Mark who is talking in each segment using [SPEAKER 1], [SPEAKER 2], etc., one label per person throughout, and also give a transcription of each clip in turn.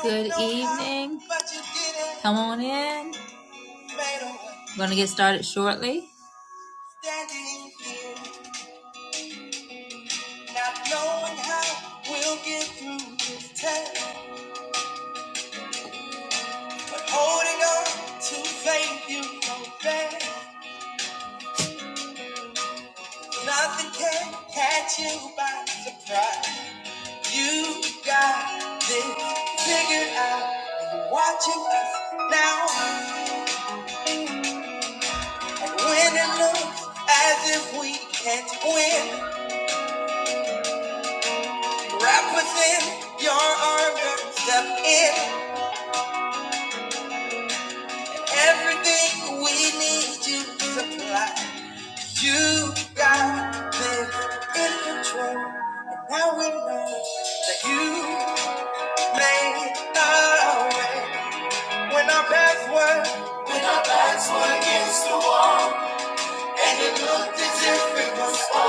[SPEAKER 1] Good evening. Come on in. We're going to get started shortly. watching us now, and when it looks as if we can't win, Wrap within your arms and step in. Everything we need you to supply. You got this in control. And now we know that you made our way. When our paths were and it looked as if it was over.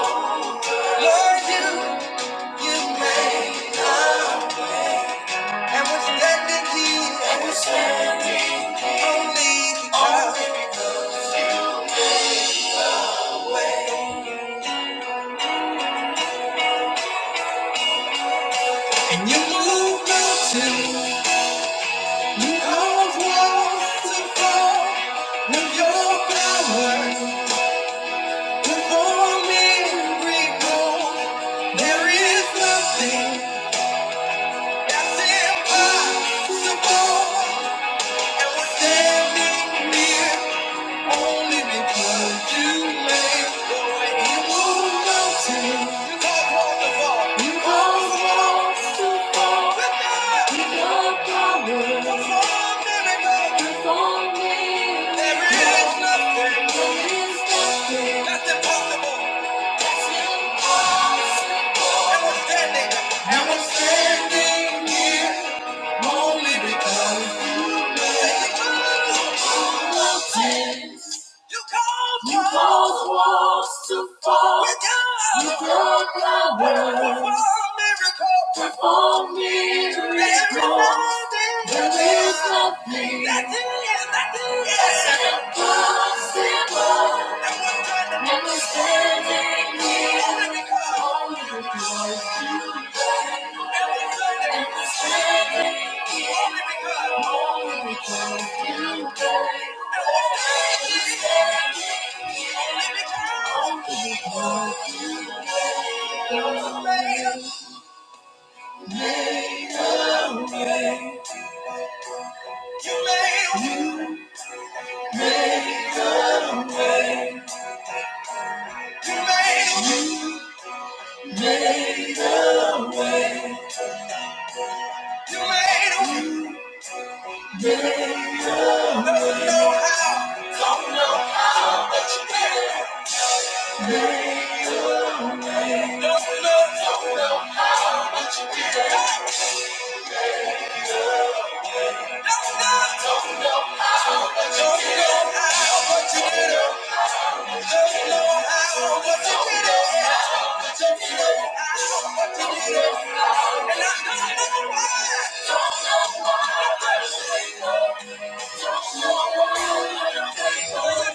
[SPEAKER 1] Lord, you, you made our way. And we're standing here and we only, only and you moved mountains. You are wonderful with your power. Perform miracles. There is nothing that's impossible. And we're standing here Only because you made the way you mountains. You caused walls You caused walls to fall. With your power. Perform miracles. Perform miracles. There is nothing. That's impossible. And we're standing. And we're standing here. Only because You you cause walls to fall. With your with Perform miracles. There is nothing. Nothing impossible. And we're standing here only because you And we're standing here only because.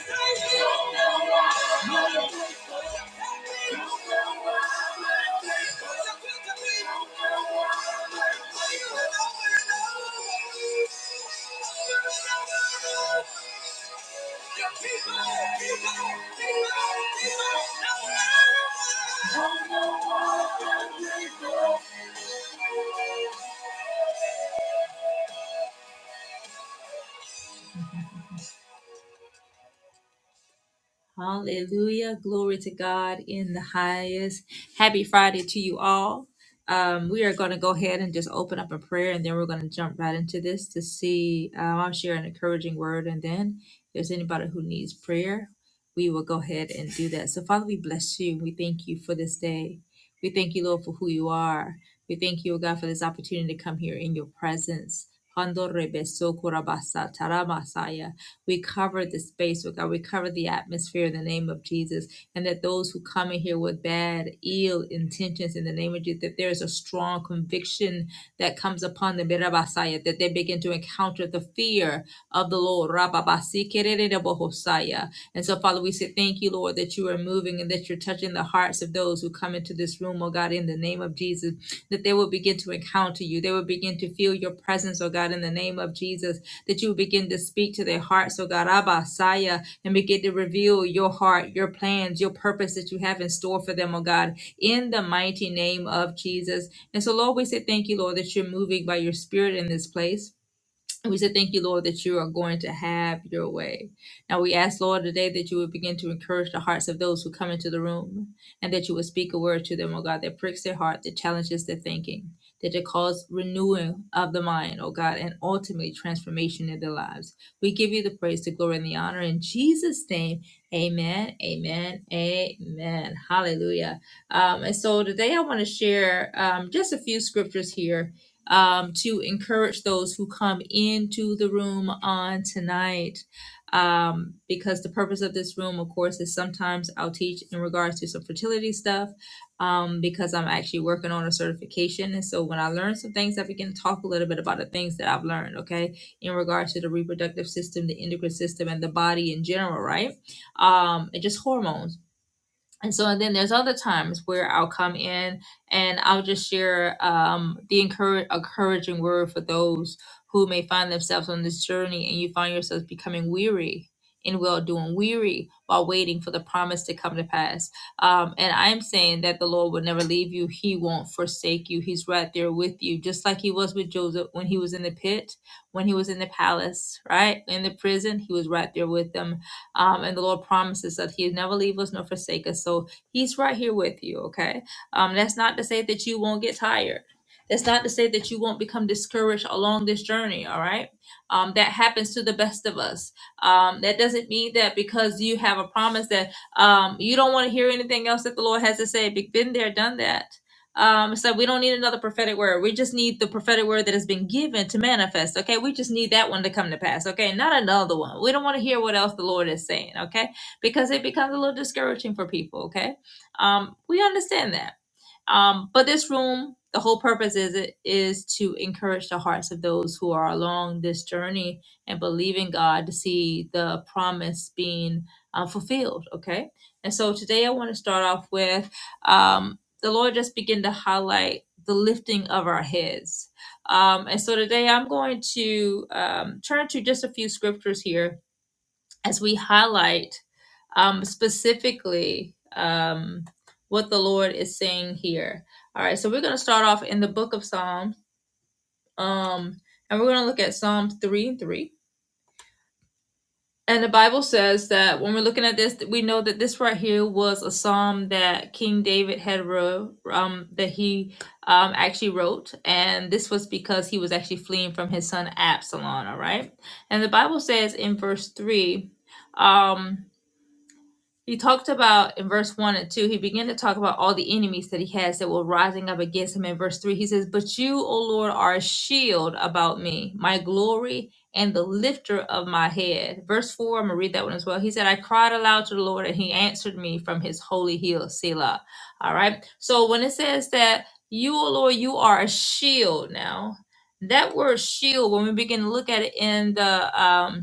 [SPEAKER 1] Thank you. Keep on, keep on, keep on. Hallelujah. Glory to God in the highest. Happy Friday to you all. Um, we are going to go ahead and just open up a prayer and then we're going to jump right into this to see. Um, I'm share an encouraging word. And then if there's anybody who needs prayer, we will go ahead and do that. So, Father, we bless you. We thank you for this day. We thank you, Lord, for who you are. We thank you, O God, for this opportunity to come here in your presence. Hando rebeso korabasa taramasaya. We cover the space, Lord God. We cover the atmosphere in the name of Jesus. And that those who come in here with bad, ill intentions in the name of Jesus, that there is a strong conviction that comes upon them, Rabasaya, that they begin to encounter the fear of the Lord. Rababasi, kererebohosaya. And so, Father, we say thank you, Lord, that you are moving and that you're touching the hearts of those who come into this room, oh God, in the name of Jesus, that they will begin to encounter you. They will begin to feel your presence, oh God, in the name of Jesus that you begin to speak to their hearts, so God, Abba, Saya, and begin to reveal your heart, your plans, your purpose that you have in store for them, oh God, in the mighty name of Jesus. And so, Lord, we say thank you, Lord, that you're moving by your spirit in this place. And we said, Thank you, Lord, that you are going to have your way. Now we ask, Lord, today that you would begin to encourage the hearts of those who come into the room and that you would speak a word to them, oh God, that pricks their heart, that challenges their thinking, that it cause renewing of the mind, oh God, and ultimately transformation in their lives. We give you the praise, the glory, and the honor. In Jesus' name, amen, amen, amen. Hallelujah. Um, and so today I want to share um, just a few scriptures here um, to encourage those who come into the room on tonight. Um, because the purpose of this room, of course, is sometimes I'll teach in regards to some fertility stuff. Um, because I'm actually working on a certification, and so when I learn some things, I begin to talk a little bit about the things that I've learned. Okay, in regards to the reproductive system, the endocrine system, and the body in general, right? Um, and just hormones and so and then there's other times where I'll come in and I'll just share um, the encourage, encouraging word for those who may find themselves on this journey and you find yourselves becoming weary in well doing, weary while waiting for the promise to come to pass. Um, and I'm saying that the Lord will never leave you, He won't forsake you. He's right there with you, just like He was with Joseph when he was in the pit, when he was in the palace, right? In the prison, He was right there with them um, and the Lord promises that He'll never leave us nor forsake us. So He's right here with you, okay? Um, that's not to say that you won't get tired. That's not to say that you won't become discouraged along this journey, all right? Um, that happens to the best of us. Um, that doesn't mean that because you have a promise that um, you don't want to hear anything else that the Lord has to say. Been there, done that. Um, so we don't need another prophetic word. We just need the prophetic word that has been given to manifest. Okay, we just need that one to come to pass. Okay, not another one. We don't want to hear what else the Lord is saying. Okay, because it becomes a little discouraging for people. Okay, um, we understand that. Um, but this room, the whole purpose is it is to encourage the hearts of those who are along this journey and believing God to see the promise being uh, fulfilled. Okay, and so today I want to start off with um, the Lord just begin to highlight the lifting of our heads. Um, and so today I'm going to um, turn to just a few scriptures here as we highlight um, specifically um, what the Lord is saying here. All right, so we're going to start off in the book of Psalms, um, and we're going to look at Psalms 3 and 3. And the Bible says that when we're looking at this, we know that this right here was a psalm that King David had wrote, um, that he um, actually wrote. And this was because he was actually fleeing from his son Absalom, all right? And the Bible says in verse 3, um, He talked about in verse 1 and 2, he began to talk about all the enemies that he has that were rising up against him. In verse 3, he says, But you, O Lord, are a shield about me, my glory, and the lifter of my head. Verse 4, I'm going to read that one as well. He said, I cried aloud to the Lord, and he answered me from his holy hill, Selah. All right. So when it says that you, O Lord, you are a shield now, that word shield, when we begin to look at it in the. Um,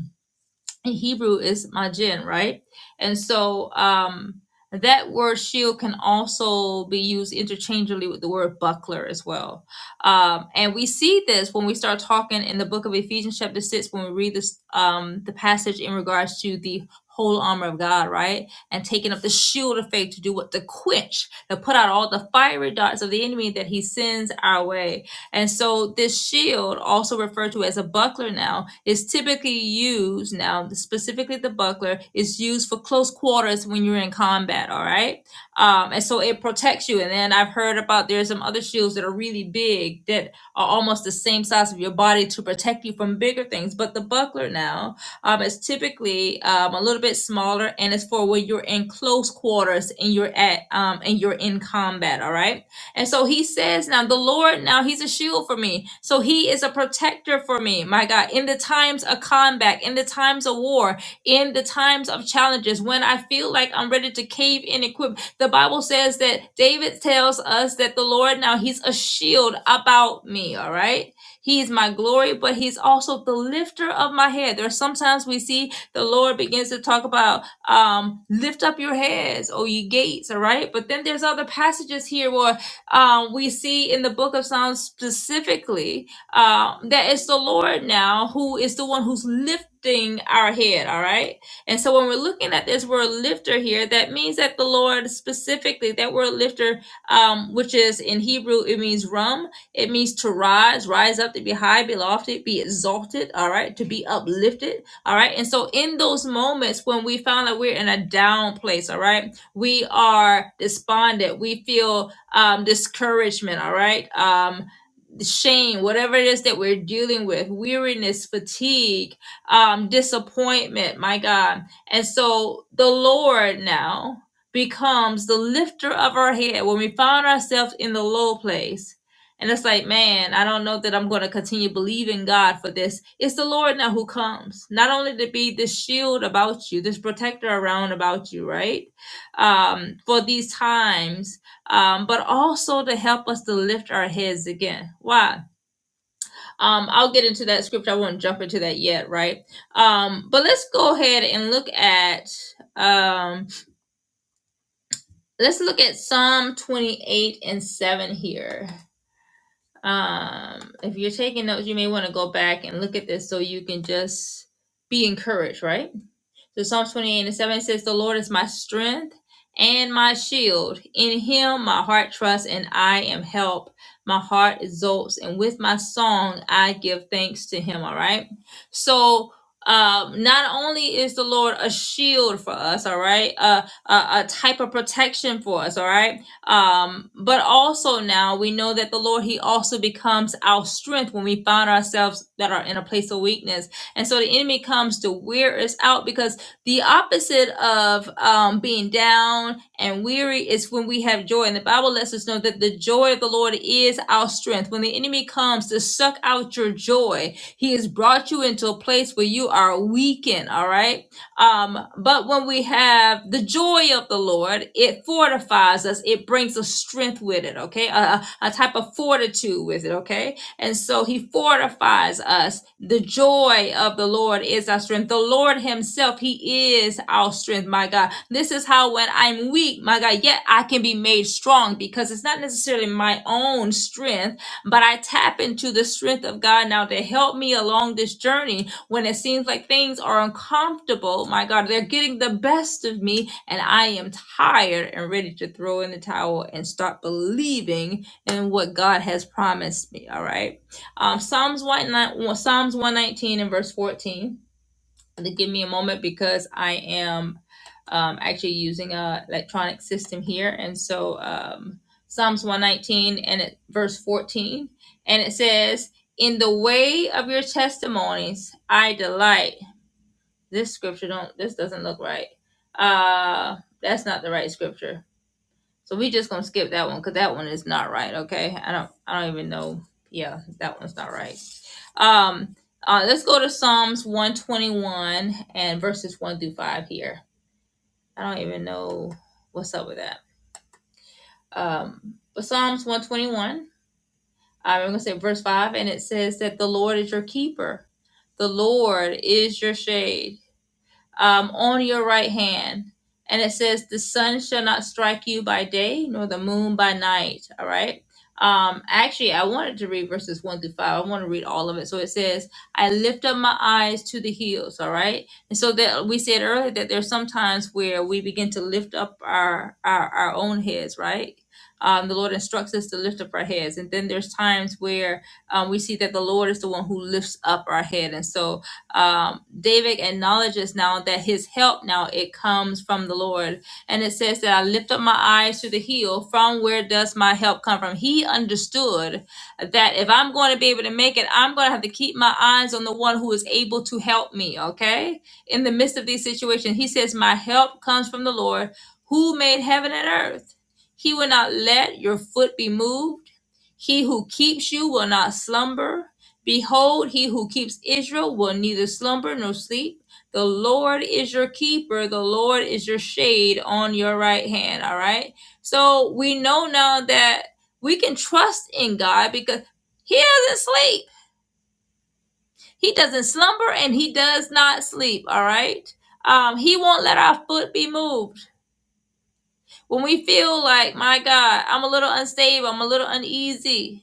[SPEAKER 1] in Hebrew is majin, right? And so um, that word shield can also be used interchangeably with the word buckler as well. Um, and we see this when we start talking in the book of Ephesians, chapter 6, when we read this um, the passage in regards to the whole armor of God, right? And taking up the shield of faith to do what? To quench, to put out all the fiery darts of the enemy that he sends our way and so this shield, also referred to as a buckler now, is typically used now, specifically the buckler, is used for close quarters when you're in combat, all right? Um, and so it protects you. And then I've heard about there's some other shields that are really big that are almost the same size of your body to protect you from bigger things. But the buckler now um, is typically um, a little bit smaller and it's for when you're in close quarters and you're at um, and you're in combat, all right? And so he says now, the Lord, now he's a shield for me. So he is a protector for me, my God, in the times of combat, in the times of war, in the times of challenges, when I feel like I'm ready to cave in and quit. The Bible says that David tells us that the Lord, now he's a shield about me, all right? He is my glory, but he's also the lifter of my head. There are sometimes we see the Lord begins to talk about um, lift up your heads, O ye gates, all right? But then there's other passages here where um, we see in the book of Psalms specifically uh, that it's the Lord now who is the one who's lifting our head, all right? And so when we're looking at this word lifter here, that means that the Lord specifically, that word lifter, um, which is in Hebrew, it means rum, it means to rise, rise up, to be high, be lofted, be exalted, all right? To be uplifted, all right? And so in those moments when we found that we're in a down place, all right? We are despondent, we feel um, discouragement, all right, um, shame, whatever it is that we're dealing with, weariness, fatigue, um, disappointment, my God. And so the Lord now becomes the lifter of our head when we found ourselves in the low place. And it's like, man, I don't know that I'm going to continue believing God for this. It's the Lord now who comes, not only to be this shield about you, this protector around about you, right? Um, for these times um, but also to help us to lift our heads again. Why? Um, I'll get into that scripture. I won't jump into that yet, right? Um, but let's go ahead and look at um, let's look at Psalm 28 and 7 here. Um, if you're taking notes, you may want to go back and look at this so you can just be encouraged, right? So Psalm 28 and 7 says, The Lord is my strength and my shield. In him my heart trusts and I am helped. My heart exults, and with my song I give thanks to him. All right. So um, not only is the Lord a shield for us, all right, uh, a, a type of protection for us, all right, um, but also now we know that the Lord He also becomes our strength when we find ourselves that are in a place of weakness, and so the enemy comes to wear us out because the opposite of um, being down and weary is when we have joy. And the Bible lets us know that the joy of the Lord is our strength. When the enemy comes to suck out your joy, he has brought you into a place where you are weakened, all right? Um, but when we have the joy of the Lord, it fortifies us, it brings a strength with it, okay? A, a a type of fortitude with it, okay? And so he fortifies us. The joy of the Lord is our strength. The Lord himself, he is our strength, my God. This is how when I'm weak, my God, yet I can be made strong because it's not necessarily my own strength, but I tap into the strength of God now to help me along this journey when it seems like things are uncomfortable. My God, they're getting the best of me and I am tired and ready to throw in the towel and start believing and what God has promised me. All right. Um, Psalms one Psalms one nineteen and verse fourteen. And give me a moment because I am um, actually using a electronic system here, and so um, Psalms one nineteen and it, verse fourteen, and it says, "In the way of your testimonies I delight." This scripture don't. This doesn't look right. Uh, that's not the right scripture so we just gonna skip that one because that one is not right. Okay, I don't I don't even know. Yeah, that one's not right. Um, uh, let's go to Psalms one twenty one and verses one through five here. I don't even know what's up with that. Um, but Psalms one twenty one. I'm gonna say verse five, and it says that the Lord is your keeper. The Lord is your shade. um, on your right hand. And it says, The sun shall not strike you by day, nor the moon by night. All right. Um, actually, I wanted to read verses one through five. I want to read all of it. So it says, I lift up my eyes to the hills. All right. And so that we said earlier that there's some times where we begin to lift up our, our, our own heads, right? Um, the Lord instructs us to lift up our heads. And then there's times where um, we see that the Lord is the one who lifts up our head. And so um, David acknowledges now that his help now it comes from the Lord, and it says that I lift up my eyes to the hill. From where does my help come from? He understood that if I'm going to be able to make it, I'm going to have to keep my eyes on the one who is able to help me. Okay, in the midst of these situations, he says, "My help comes from the Lord, who made heaven and earth. He will not let your foot be moved." He who keeps you will not slumber. Behold, he who keeps Israel will neither slumber nor sleep. The Lord is your keeper. The Lord is your shade on your right hand. All right. So we know now that we can trust in God because he doesn't sleep. He doesn't slumber and he does not sleep. All right. Um, he won't let our foot be moved. When we feel like, my God, I'm a little unstable, I'm a little uneasy,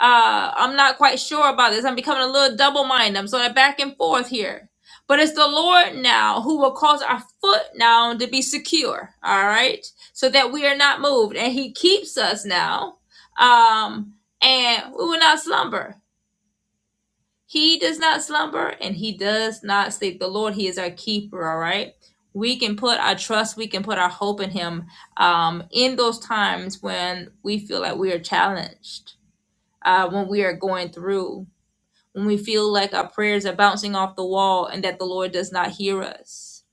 [SPEAKER 1] uh, I'm not quite sure about this. I'm becoming a little double minded. I'm sort of back and forth here. But it's the Lord now who will cause our foot now to be secure, all right? So that we are not moved. And He keeps us now, um, and we will not slumber. He does not slumber and He does not sleep. The Lord, He is our keeper, all right? We can put our trust, we can put our hope in Him um, in those times when we feel like we are challenged uh, when we are going through when we feel like our prayers are bouncing off the wall and that the Lord does not hear us.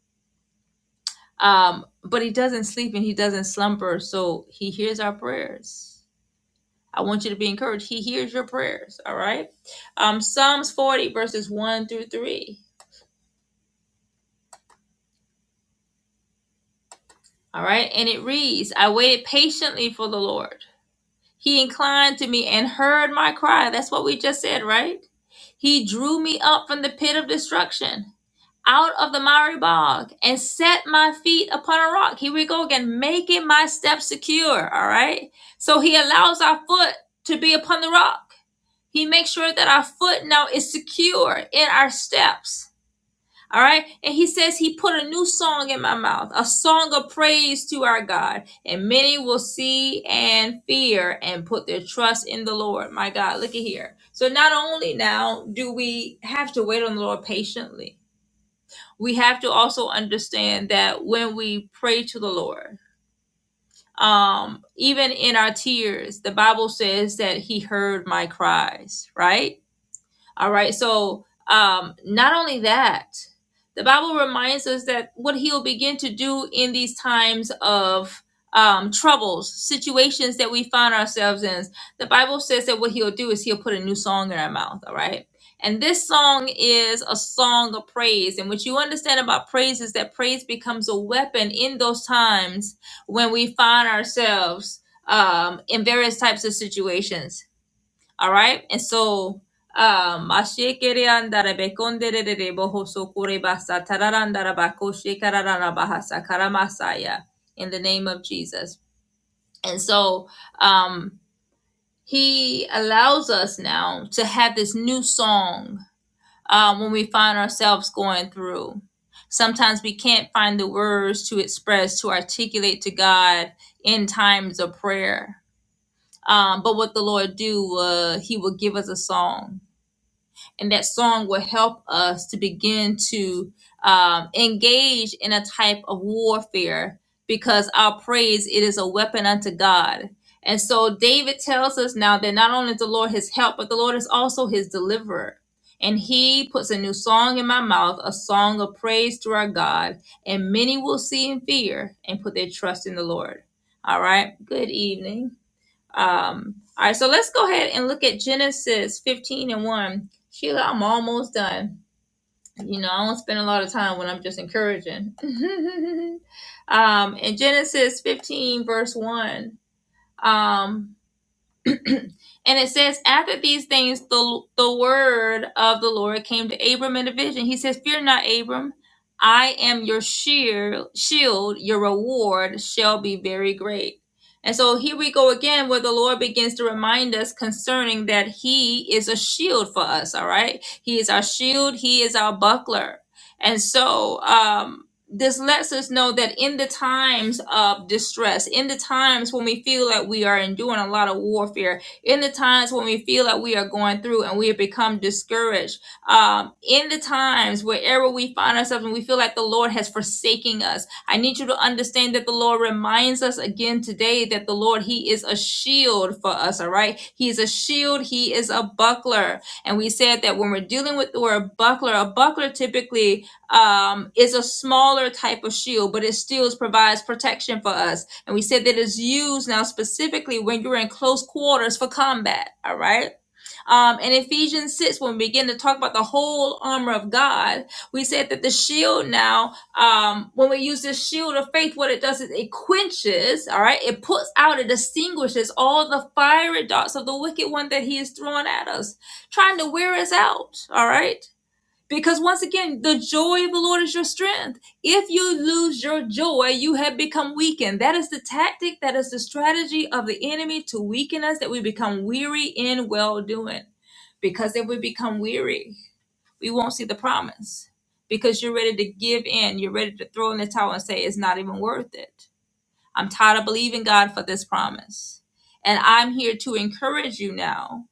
[SPEAKER 1] Um, but He doesn't sleep and He doesn't slumber, so He hears our prayers. I want you to be encouraged. He hears your prayers, all right? Um, Psalms 40, verses 1 through 3, all right? And it reads, I waited patiently for the Lord. He inclined to me and heard my cry. That's what we just said, right? He drew me up from the pit of destruction. out of the miry bog and set my feet upon a rock. Here we go again, making my steps secure. All right. So he allows our foot to be upon the rock. He makes sure that our foot now is secure in our steps. All right. And he says he put a new song in my mouth, a song of praise to our God. And many will see and fear and put their trust in the Lord. My God, look at here. So not only now do we have to wait on the Lord patiently, we have to also understand that when we pray to the Lord, um, even in our tears, the Bible says that He heard my cries, right? All right. So, um, not only that, the Bible reminds us that what He'll begin to do in these times of um, troubles, situations that we find ourselves in, the Bible says that what He'll do is He'll put a new song in our mouth. All right. And this song is a song of praise. And what you understand about praise is that praise becomes a weapon in those times when we find ourselves um, in various types of situations all right. And so, um, ashekere andara bekondere de bohoso kurebasa tararandara bako shekararana bahasa karamasaya in the name of Jesus. And so, um, he allows us now to have this new song um, when we find ourselves going through. Sometimes we can't find the words to express, to articulate to God in times of prayer. Um, but what the Lord do, uh, He will give us a song and that song will help us to begin to um, engage in a type of warfare because our praise it is a weapon unto god and so david tells us now that not only is the lord his help but the lord is also his deliverer and he puts a new song in my mouth a song of praise to our god and many will see and fear and put their trust in the lord all right good evening um, all right, so let's go ahead and look at Genesis 15 and 1. Sheila, I'm almost done. You know, I don't spend a lot of time when I'm just encouraging. um, in Genesis 15, verse 1, um, and it says, After these things, the, the word of the Lord came to Abram in a vision. He says, Fear not, Abram. I am your sheer, shield. Your reward shall be very great. And so here we go again, where the Lord begins to remind us concerning that He is a shield for us, all right? He is our shield, He is our buckler. And so, um, this lets us know that in the times of distress, in the times when we feel like we are enduring a lot of warfare, in the times when we feel like we are going through and we have become discouraged, um, in the times wherever we find ourselves and we feel like the Lord has forsaken us, I need you to understand that the Lord reminds us again today that the Lord, He is a shield for us, all right? He is a shield, He is a buckler. And we said that when we're dealing with the word buckler, a buckler typically um, is a smaller type of shield, but it still provides protection for us. And we said that it's used now specifically when you're in close quarters for combat. All right. Um, in Ephesians 6, when we begin to talk about the whole armor of God, we said that the shield now, um, when we use this shield of faith, what it does is it quenches, all right, it puts out, it extinguishes all the fiery darts of the wicked one that he is throwing at us, trying to wear us out. All right. Because once again, the joy of the Lord is your strength. If you lose your joy, you have become weakened. That is the tactic, that is the strategy of the enemy to weaken us, that we become weary in well doing. Because if we become weary, we won't see the promise. Because you're ready to give in, you're ready to throw in the towel and say, it's not even worth it. I'm tired of believing God for this promise. And I'm here to encourage you now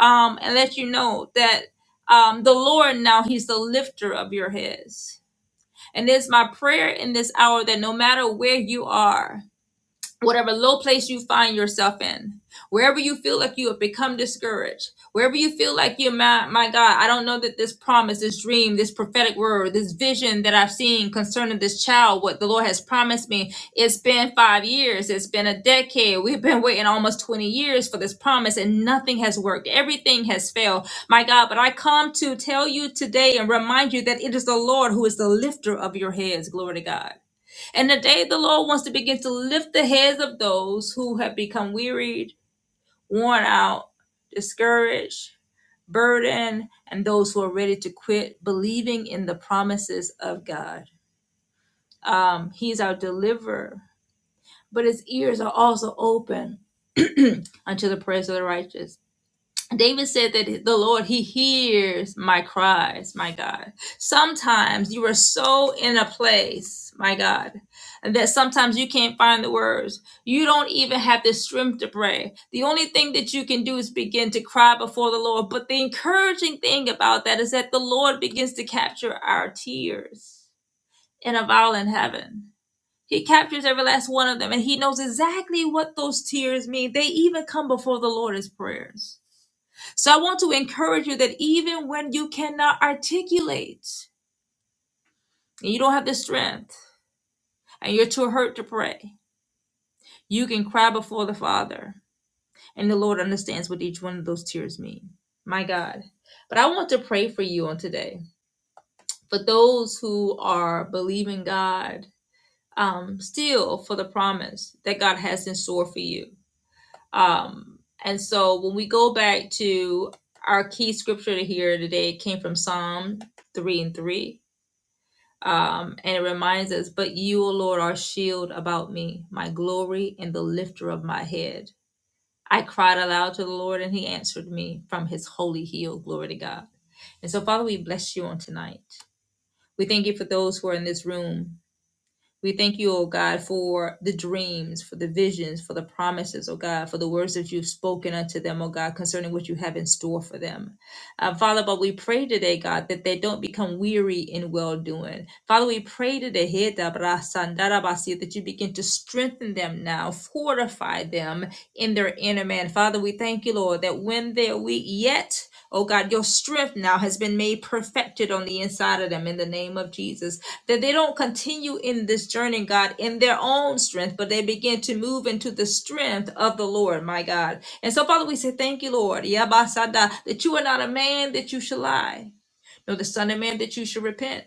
[SPEAKER 1] um, and let you know that um, the Lord now, He's the lifter of your heads. And it's my prayer in this hour that no matter where you are, whatever low place you find yourself in, wherever you feel like you have become discouraged, wherever you feel like you, my, my God, I don't know that this promise, this dream, this prophetic word, this vision that I've seen concerning this child, what the Lord has promised me, it's been five years, it's been a decade. We've been waiting almost 20 years for this promise and nothing has worked. Everything has failed, my God. But I come to tell you today and remind you that it is the Lord who is the lifter of your heads. Glory to God. And today the Lord wants to begin to lift the heads of those who have become wearied, worn out, discouraged, burdened, and those who are ready to quit believing in the promises of God. Um, he's our deliverer, but his ears are also open unto the prayers of the righteous. David said that the Lord, He hears my cries, my God. Sometimes you are so in a place, my God, that sometimes you can't find the words. You don't even have the strength to pray. The only thing that you can do is begin to cry before the Lord. But the encouraging thing about that is that the Lord begins to capture our tears in a violent heaven. He captures every last one of them, and He knows exactly what those tears mean. They even come before the Lord as prayers. So I want to encourage you that even when you cannot articulate and you don't have the strength and you're too hurt to pray, you can cry before the Father and the Lord understands what each one of those tears mean. My God. But I want to pray for you on today. For those who are believing God um, still for the promise that God has in store for you. Um, and so when we go back to our key scripture to hear today, it came from Psalm 3 and 3 Um, and it reminds us, But you, O Lord, are shield about me, my glory, and the lifter of my head. I cried aloud to the Lord, and he answered me from his holy hill. Glory to God. And so, Father, we bless you on tonight. We thank you for those who are in this room we thank you, oh God, for the dreams, for the visions, for the promises, oh God, for the words that you've spoken unto them, oh God, concerning what you have in store for them. Uh, Father, but we pray today, God, that they don't become weary in well doing. Father, we pray today, He da bra san da da ba si, that you begin to strengthen them now, fortify them in their inner man. Father, we thank you, Lord, that when they're weak, yet, oh God, your strength now has been made perfected on the inside of them in the name of Jesus. That they don't continue in this journey, God, in their own strength, but they begin to move into the strength of the Lord, my God. And so, Father, we say thank you, Lord, Yabasada, that you are not a man that you shall lie, nor the son of man that you shall repent.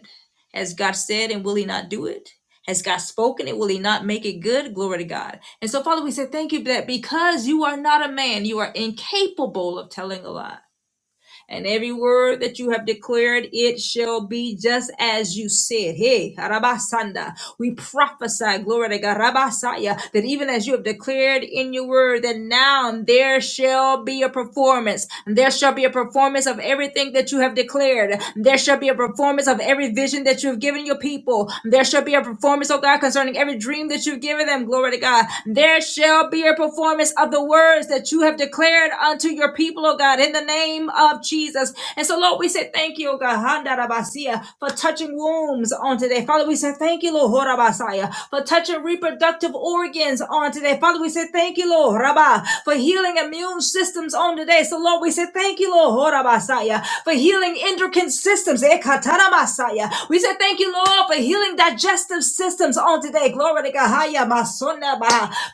[SPEAKER 1] Has God said, and will he not do it? Has God spoken it? Will he not make it good? Glory to God. And so, Father, we say thank you that because you are not a man, you are incapable of telling a lie and every word that you have declared, it shall be just as you said. Hey, Rabasanda, we prophesy, glory to God, Rabasaya, that even as you have declared in your word, that now there shall be a performance. There shall be a performance of everything that you have declared. There shall be a performance of every vision that you have given your people. There shall be a performance, oh God, concerning every dream that you've given them. Glory to God. There shall be a performance of the words that you have declared unto your people, oh God, in the name of Jesus. Jesus. And so, Lord, we say thank you, oh God, Handarabasia, for touching wombs on today. Father, we say thank you, Lord, Horabasaya, for touching reproductive organs on today. Father, we say thank you, Lord, Rabba, for healing immune systems on today. So, Lord, we say thank you, Lord, Horabasaya, for healing endocrine systems. Ekataramasaya. We say thank you, Lord, for healing digestive systems on today. Glory to God. Haya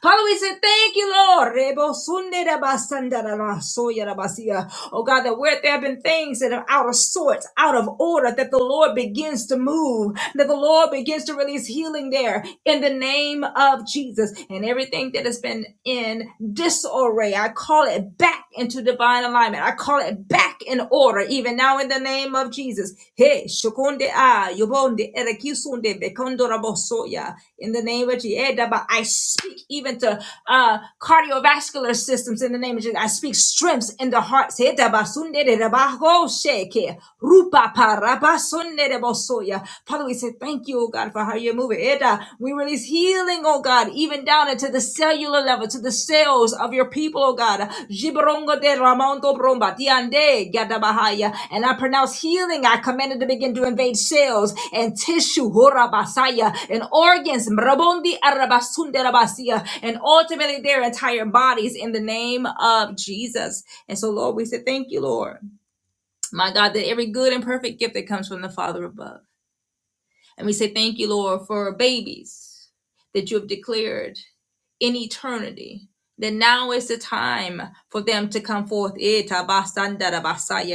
[SPEAKER 1] Father, we say thank you, Lord. Rebo sunde basanda da la Oh God, that where there have been things that are out of sorts, out of order, that the Lord begins to move, that the Lord begins to release healing there in the name of Jesus. And everything that has been in disarray, I call it back into divine alignment. I call it back in order, even now in the name of Jesus. Hey, shokonde ah, yobonde, erekisunde, bekondorabosoya. in the name of Jesus. I speak even to uh, cardiovascular systems in the name of Jesus. I speak strengths in the hearts. Father, we say thank you, oh God, for how you're moving. We release healing, oh God, even down into the cellular level, to the cells of your people, oh God. And I pronounce healing. I command it to begin to invade cells and tissue, Horabasaya, and organs, Mrabondi Arabasunde Rabasia, and ultimately their entire bodies in the name of Jesus. And so, Lord, we say thank you, Lord my God, that every good and perfect gift that comes from the Father above. And we say, Thank you, Lord, for babies that you have declared in eternity. That now is the time for them to come forth. Eta basanda da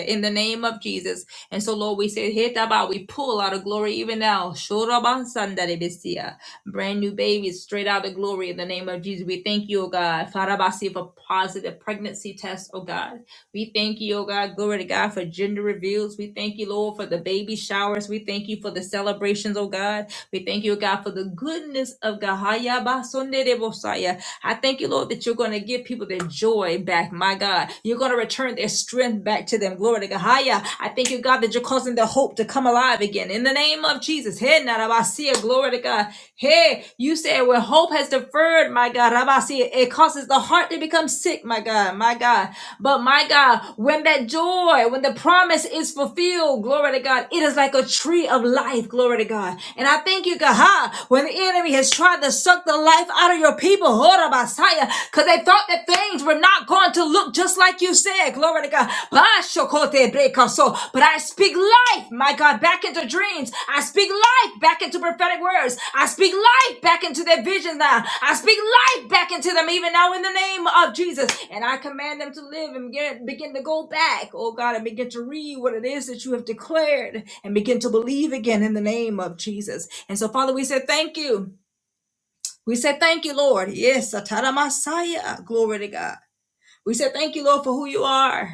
[SPEAKER 1] In the name of Jesus. And so, Lord, we say, "Heta ba," we pull out of glory even now. Shora basanda de Brand new babies straight out of glory in the name of Jesus. We thank you, oh God. Farabasi for positive pregnancy tests, oh God. We thank you, oh God, glory to God, for gender reveals. We thank you, Lord, for the baby showers. We thank you for the celebrations, oh God. We thank you, oh God, for the goodness of God. Haya ba sonde de bosaya. I thank you, Lord, that you're going to give people their joy back, my God. You're going to return their strength back to them. Glory to God. Haya. I thank you, God, that you're causing the hope to come alive again. In the name of Jesus. He na ra ba sia. Glory to God. Hey, you said where hope has deferred, my God. Rabasi, it causes the heart to become sick, my God, my God. But my God, when that joy, when the promise is fulfilled, glory to God, it is like a tree of life, glory to God. And I thank you, God, ha, when the enemy has tried to suck the life out of your people, Horabasaya, because they thought that things were not going to look just like you said, glory to God. Bashokote brekaso. But I speak life, my God, back into dreams. I speak life back into prophetic words. I speak life back into their visions now. I speak life back into them even now in the name of Jesus. And I command them to live and begin, begin to go back, oh God, and begin to read what it is that you have declared and begin to believe again in the name of Jesus. And so, Father, we say thank you. We say thank you, Lord. Yes, Atara Messiah. Glory to God. We say thank you, Lord, for who you are.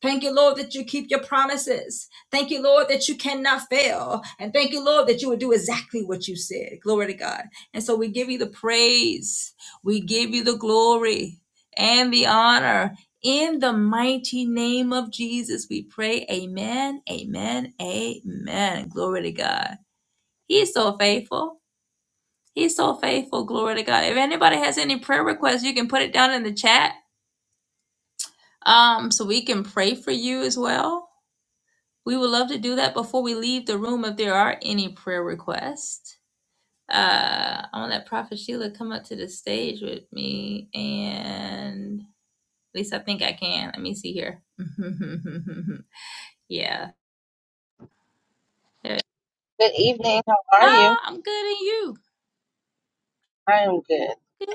[SPEAKER 1] Thank you, Lord, that you keep your promises. Thank you, Lord, that you cannot fail. And thank you, Lord, that you will do exactly what you said. Glory to God. And so we give you the praise. We give you the glory and the honor. In the mighty name of Jesus, we pray. Amen. Amen. Amen. Glory to God. He's so faithful. He's so faithful. Glory to God. If anybody has any prayer requests, you can put it down in the chat um, so we can pray for you as well. We would love to do that before we leave the room if there are any prayer requests. Uh, I want to let Prophet Sheila come up to the stage with me, and at least I think I can. Let me see here. yeah. There-
[SPEAKER 2] Good evening. How are you?
[SPEAKER 1] Oh, I'm good and you.
[SPEAKER 2] I am good.
[SPEAKER 1] Good.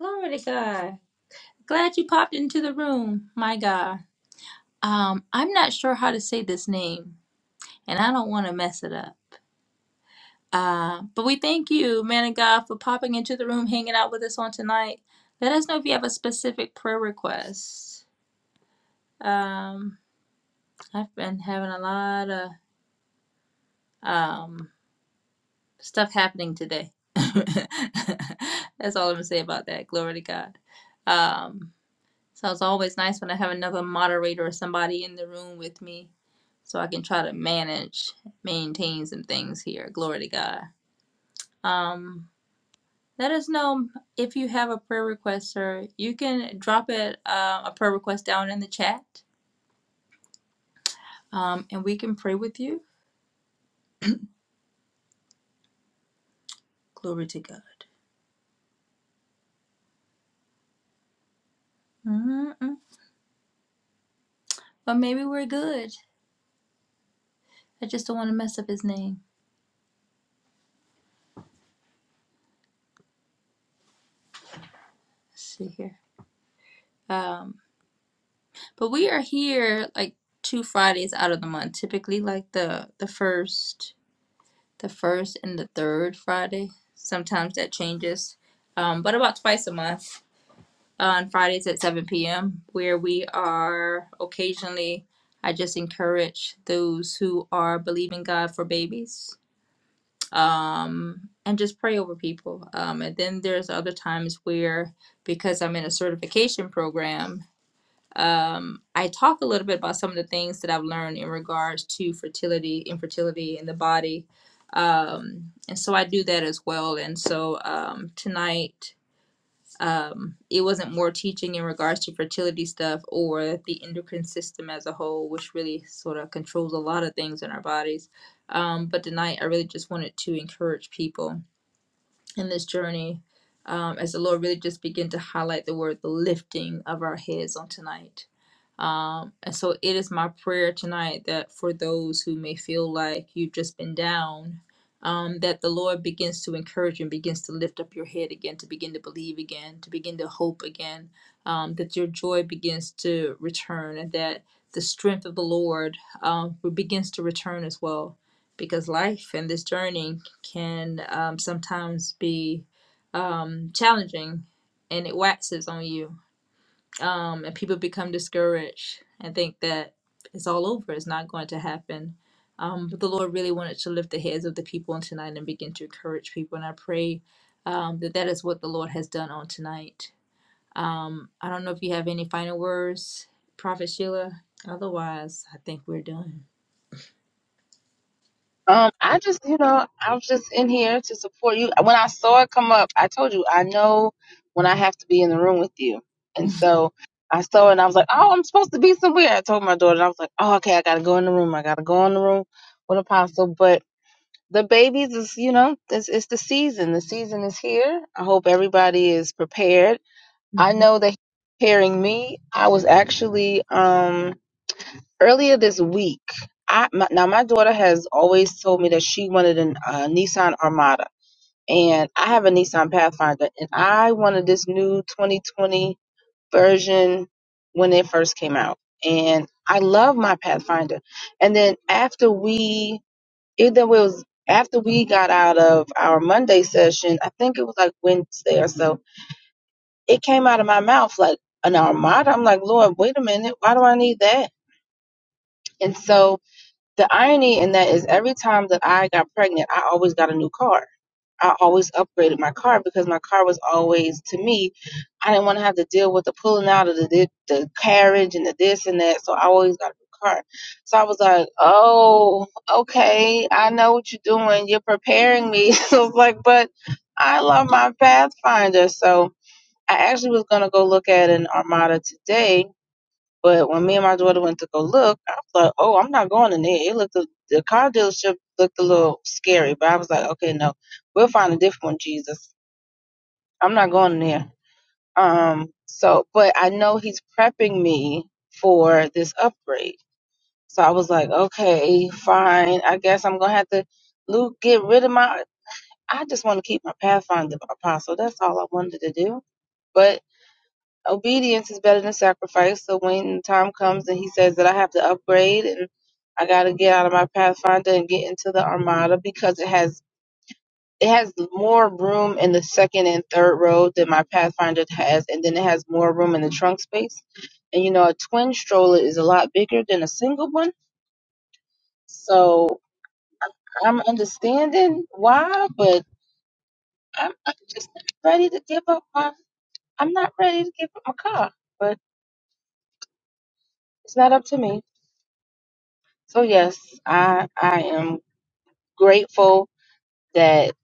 [SPEAKER 1] Glory to God. Glad you popped into the room. My God. Um, I'm not sure how to say this name, and I don't want to mess it up. Uh, but we thank you, man of God, for popping into the room, hanging out with us on tonight. Let us know if you have a specific prayer request. Um, I've been having a lot of um, stuff happening today. That's all I'm gonna say about that. Glory to God. Um, so it's always nice when I have another moderator or somebody in the room with me, so I can try to manage, maintain some things here. Glory to God. Um, Let us know if you have a prayer request, or You can drop it uh, a prayer request down in the chat, um, and we can pray with you. Glory to God. Mm-mm. But maybe we're good. I just don't want to mess up his name. Let's see here. Um, but we are here like two Fridays out of the month, typically like the the first, the first and the third Friday. Sometimes that changes, um, but about twice a month. on Fridays at 7 p.m., where we are occasionally, I just encourage those who are believing God for babies and just pray over people. Um, and then there's other times where, because I'm in a certification program, um, I talk a little bit about some of the things that I've learned in regards to fertility, infertility in the body. Um, and so I do that as well. And so um, tonight, um, it wasn't more teaching in regards to fertility stuff or the endocrine system as a whole, which really sort of controls a lot of things in our bodies. Um, but tonight, I really just wanted to encourage people in this journey um, as the Lord really just began to highlight the word the lifting of our heads on tonight. Um, and so it is my prayer tonight that for those who may feel like you've just been down, um, that the Lord begins to encourage and begins to lift up your head again, to begin to believe again, to begin to hope again, um, that your joy begins to return and that the strength of the Lord um, begins to return as well. Because life and this journey can um, sometimes be um, challenging and it waxes on you um, and people become discouraged and think that it's all over, it's not going to happen. Um, but the Lord really wanted to lift the heads of the people on tonight and begin to encourage people. And I pray um, that that is what the Lord has done on tonight. Um, I don't know if you have any final words, Prophet Sheila. Otherwise, I think we're done.
[SPEAKER 2] Um, I just, you know, I was just in here to support you. When I saw it come up, I told you I know when I have to be in the room with you, and so I saw it and I was like, oh, I'm supposed to be somewhere. I told my daughter, and I was like, oh, okay, I gotta go in the room. I gotta go in the room with Apostle. But the babies is, you know, it's, it's the season. The season is here. I hope everybody is prepared. I
[SPEAKER 1] hmm
[SPEAKER 2] know that preparing me. I was actually, um. earlier this week, I my, now my daughter has always told me that she wanted an uh, Nissan Armada, and I have a Nissan Pathfinder, and I wanted this new 2020 version when it first came out, and I love my Pathfinder. And then after we, either it was after we got out of our Monday session, I think it was like Wednesday or so, it came out of my mouth like an Armada. I'm like, Lord, wait a minute, why do I need that? And so The irony in that is every time that I got pregnant, I always got a new car. I always upgraded my car because my car was always to me. I didn't want to have to deal with the pulling out of the the, the carriage and the this and that, so I always got a new car. So I was like, "Oh, okay, I know what you're doing. You're preparing me." So I was like, "But I love my Pathfinder." So I actually was gonna go look at an Armada today but when me and my daughter went to go look, I was like, "Oh, I'm not going in there." It looked a, the car dealership looked a little scary, but I was like, "Okay, no, we'll find a different one, Jesus. I'm not going in there." Um, so, but I know he's prepping me for this upgrade. So I was like, "Okay, fine. I guess I'm gonna have to Luke get rid of my. I just want to keep my Pathfinder Apostle. That's all I wanted to do." But obedience is better than sacrifice. So when the time comes and he says that I have to upgrade and I got to get out of my Pathfinder and get into the Armada because it has it has more room in the second and third row than my Pathfinder has, and then it has more room in the trunk space. And you know, a twin stroller is a lot bigger than a single one. So I'm understanding why, but I'm, I'm just not ready to give up my. I'm not ready to give up my car, but it's not up to me. So yes, I I am grateful that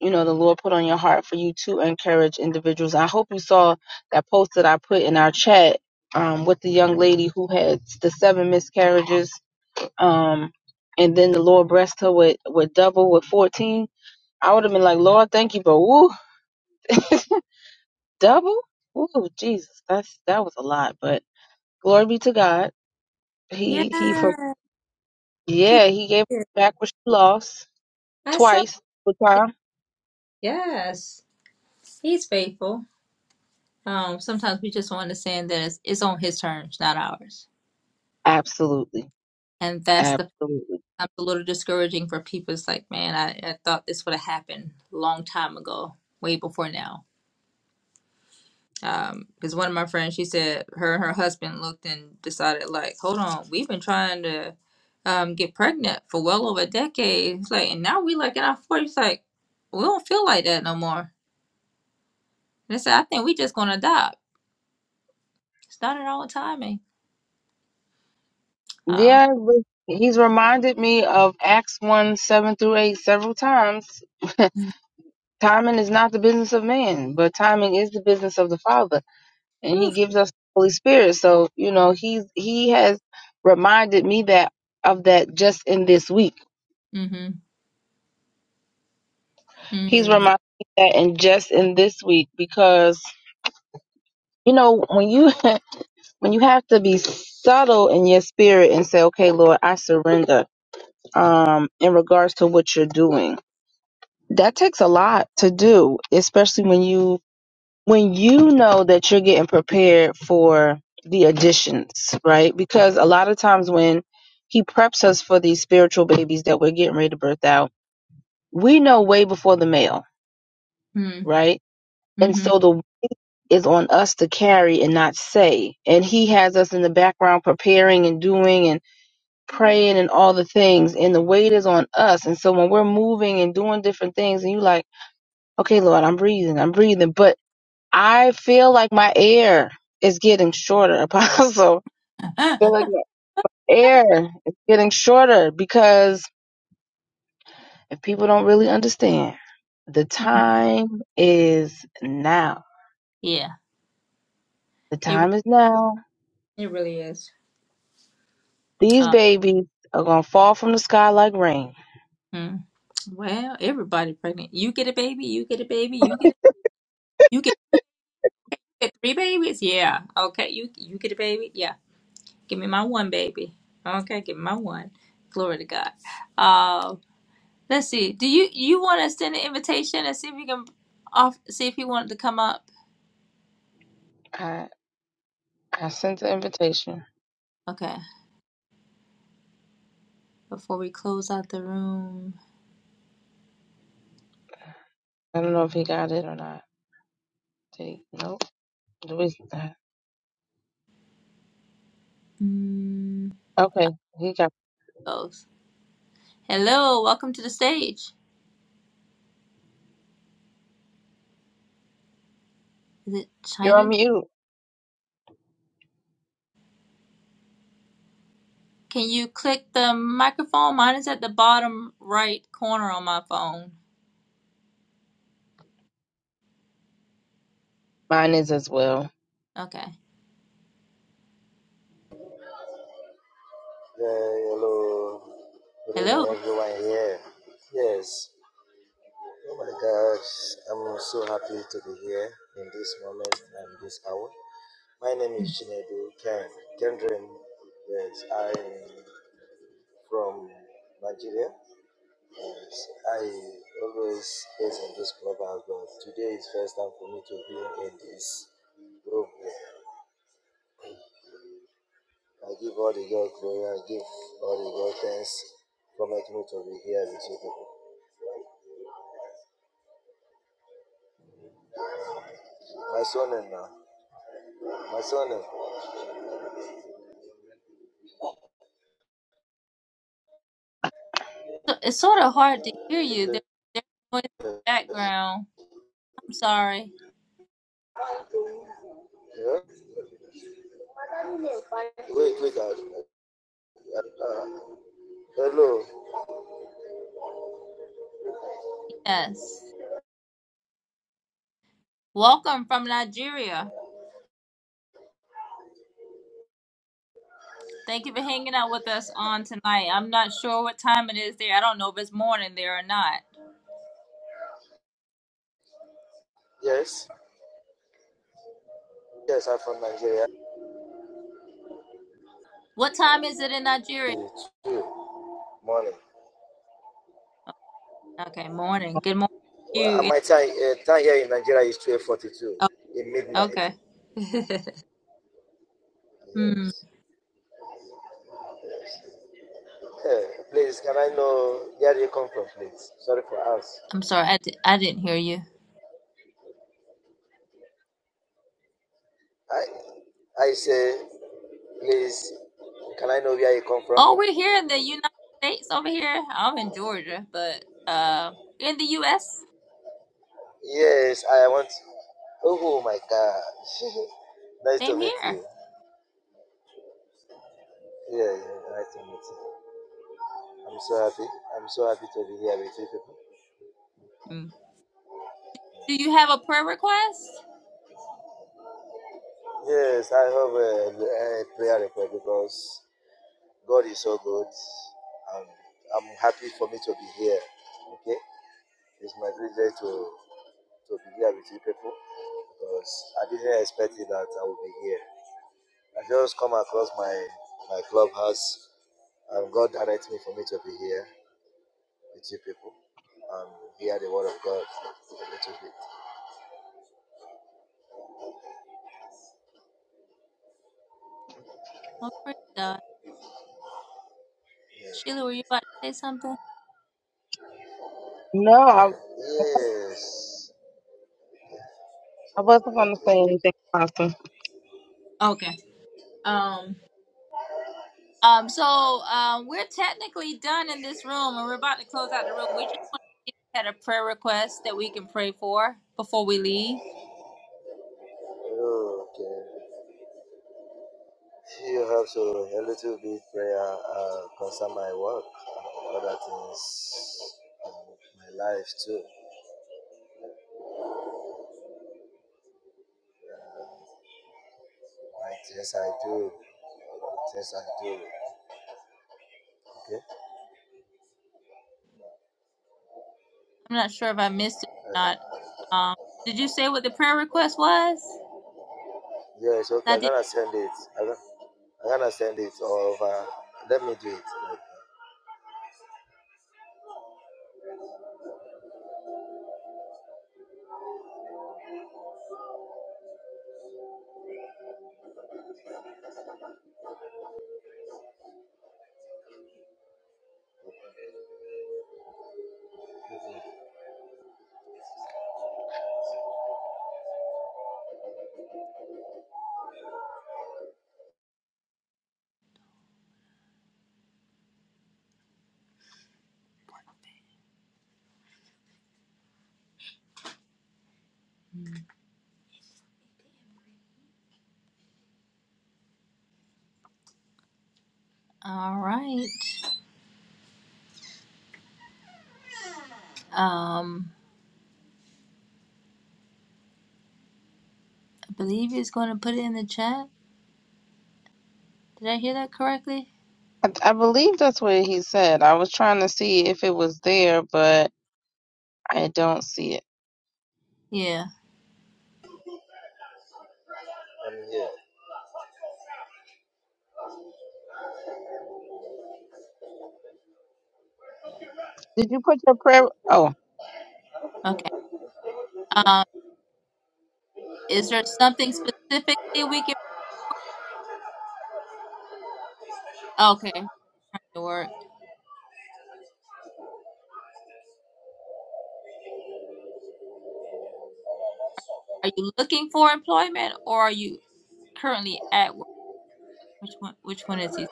[SPEAKER 2] you know the Lord put on your heart for you to encourage individuals. I hope you saw that post that I put in our chat um, with the young lady who had the seven miscarriages, um, and then the Lord blessed her with with double with fourteen. I would have been like, Lord, thank you, but woo, double, woo, Jesus, that's that was a lot. But glory be to God,
[SPEAKER 1] Yeah,
[SPEAKER 2] He He for
[SPEAKER 1] I
[SPEAKER 2] yeah He gave
[SPEAKER 1] did.
[SPEAKER 2] back what she lost
[SPEAKER 1] I saw
[SPEAKER 2] twice.
[SPEAKER 1] it. Yes, He's faithful. Um, sometimes we just want to understand that it's, it's on His terms, not ours
[SPEAKER 2] Absolutely.
[SPEAKER 1] and that's the
[SPEAKER 2] Absolutely.
[SPEAKER 1] sometimes a little discouraging for people. It's like, man, I, I thought this would have happened a long time ago, way before now. Um, because one of my friends, she said her and her husband looked and decided, like, hold on, we've been trying to um get pregnant for well over a decade. It's like, and now we like in our forties, like, we don't feel like that no more. And they said, I think we just gonna adopt. It's not at all timing. Uh,
[SPEAKER 2] Yeah, but he's reminded me of Acts 1 7 through 8 several times. timing is not the business of man, but timing is the business of the Father. And he gives us the Holy Spirit. So, you know, he's he has reminded me that of that just in this week.
[SPEAKER 1] mm-hmm,
[SPEAKER 2] He's
[SPEAKER 1] mm-hmm,
[SPEAKER 2] reminded me that and just in this week because you know, when you when you have to be subtle in your spirit and say, Okay, Lord, I surrender um, in regards to what you're doing. That takes a lot to do, especially when you when you know that you're getting prepared for the additions, right? Because a lot of times when he preps us for these spiritual babies that we're getting ready to birth out, we know way before the male, right? And
[SPEAKER 1] mm-hmm.
[SPEAKER 2] so the is on us to carry and not say. And he has us in the background preparing and doing praying and all the things and the weight is on us and so when we're moving and doing different things and you like okay lord i'm breathing i'm breathing but i feel like my air is getting shorter apostle I feel like my air is getting shorter because if people don't really understand the time is now
[SPEAKER 1] Yeah,
[SPEAKER 2] the
[SPEAKER 1] it re-
[SPEAKER 2] time is now
[SPEAKER 1] it really is.
[SPEAKER 2] these
[SPEAKER 1] Um,
[SPEAKER 2] babies are going to fall from the sky like rain
[SPEAKER 1] mm-hmm. Well, everybody pregnant. You get a baby, you get a baby, you get a, you get, you get three babies. Yeah. Okay, you you get a baby. Yeah. Give me my one baby. Okay, give me my one. Glory to God. Uh, let's see. Do you you want to send an invitation and see if you can off see if you wanted to come up?
[SPEAKER 2] I I sent the invitation.
[SPEAKER 1] Okay. Before we close out the room.
[SPEAKER 2] I don't know if he got it or not. Did he? Nope. Do we?
[SPEAKER 1] Mm,
[SPEAKER 2] Okay, he got.
[SPEAKER 1] those. Hello, welcome to the stage. Is it
[SPEAKER 2] You're on
[SPEAKER 1] China?
[SPEAKER 2] mute.
[SPEAKER 1] Can you click the microphone? Mine is at the bottom right corner on my phone.
[SPEAKER 2] Mine is as well.
[SPEAKER 1] Okay.
[SPEAKER 3] Uh, hello, good
[SPEAKER 1] Hello.
[SPEAKER 3] evening, everyone here. Yes, oh my God, I'm so happy to be here in this moment and this hour. My name is
[SPEAKER 1] Mm.
[SPEAKER 3] Chinedu Ken Kendrin. Yes, I'm from Nigeria. Yes, I always based in this clubhouse, but today is first time for me to be in this group. here. I give all the God glory. I give all the God thanks for making me to be here with you people. My son and now. My surname.
[SPEAKER 1] So it's sort of hard to hear you. There, there's noise in the
[SPEAKER 3] Yes.
[SPEAKER 1] background. I'm sorry.
[SPEAKER 3] Yeah. Wait, wait. Uh, uh, uh, hello.
[SPEAKER 1] Yes. Welcome from Nigeria. Thank you for hanging out with us on tonight. I'm not sure what time it is there. I don't know if it's morning there or not.
[SPEAKER 3] Yes. Yes, I'm from Nigeria.
[SPEAKER 1] What time is it in Nigeria?
[SPEAKER 3] It's two morning.
[SPEAKER 1] Okay, morning. Good morning to
[SPEAKER 3] Well,
[SPEAKER 1] you.
[SPEAKER 3] uh,
[SPEAKER 1] It-
[SPEAKER 3] my time uh, time here in Nigeria is twelve forty two
[SPEAKER 1] Oh,
[SPEAKER 3] in midnight.
[SPEAKER 1] okay. Hmm.
[SPEAKER 3] Yes. Eh, please, can I know where you come from, please? Sorry for us.
[SPEAKER 1] I'm sorry, I, di- I didn't hear you.
[SPEAKER 3] I I say, please, can I know where you come from?
[SPEAKER 1] Oh, we're here in the United States over here. I'm in Georgia, but uh, in the U.S.,
[SPEAKER 3] Yes, I want. Oh my God! Nice
[SPEAKER 1] same
[SPEAKER 3] to meet
[SPEAKER 1] here.
[SPEAKER 3] you. Yeah, yeah, nice to meet I'm so happy. I'm so happy to be here with you people.
[SPEAKER 1] Hmm. Do you have a prayer request?
[SPEAKER 3] Yes, I have a, a prayer request because God is so good, and I'm happy for me to be here. Okay, it's my privilege to to be here with you people because I didn't expect it that I would be here. I just come across my my clubhouse, and God directed me for me to be here with you people and hear the word of God a little bit.
[SPEAKER 1] Oh, praise God.
[SPEAKER 3] Yeah.
[SPEAKER 1] Sheila, were you about to say something?
[SPEAKER 2] No, I
[SPEAKER 3] Yes.
[SPEAKER 2] I wasn't gonna
[SPEAKER 3] Okay.
[SPEAKER 2] say anything, Apostle.
[SPEAKER 1] Okay. Um. Um. So, um, we're technically done in this room, and we're about to close out the room. We just want to see if you had a prayer request that we can pray for before we leave.
[SPEAKER 3] Okay. You have to a little bit prayer uh, concern my work and other things, um, my life too, Uh, my things I do, things I do. Okay.
[SPEAKER 1] I'm not sure if I missed it or
[SPEAKER 3] Uh,
[SPEAKER 1] not. Um, did you say what the prayer request was?
[SPEAKER 3] yes. Okay.
[SPEAKER 1] I
[SPEAKER 3] I'm
[SPEAKER 1] did.
[SPEAKER 3] gonna send it. I'm gonna, I'm gonna send it over. Let me do it. Like,
[SPEAKER 1] All right. Um, I believe he's going to put it in the chat. Did I hear that correctly?
[SPEAKER 2] I, I believe that's what he said. I was trying to see if it was there, but I don't see it.
[SPEAKER 1] Yeah.
[SPEAKER 3] I'm here.
[SPEAKER 2] Did you put your prayer? Oh.
[SPEAKER 1] Okay. Um, is there something specifically we can? Okay. Or are you looking for employment, or are you currently at work? Which one? Which one is he?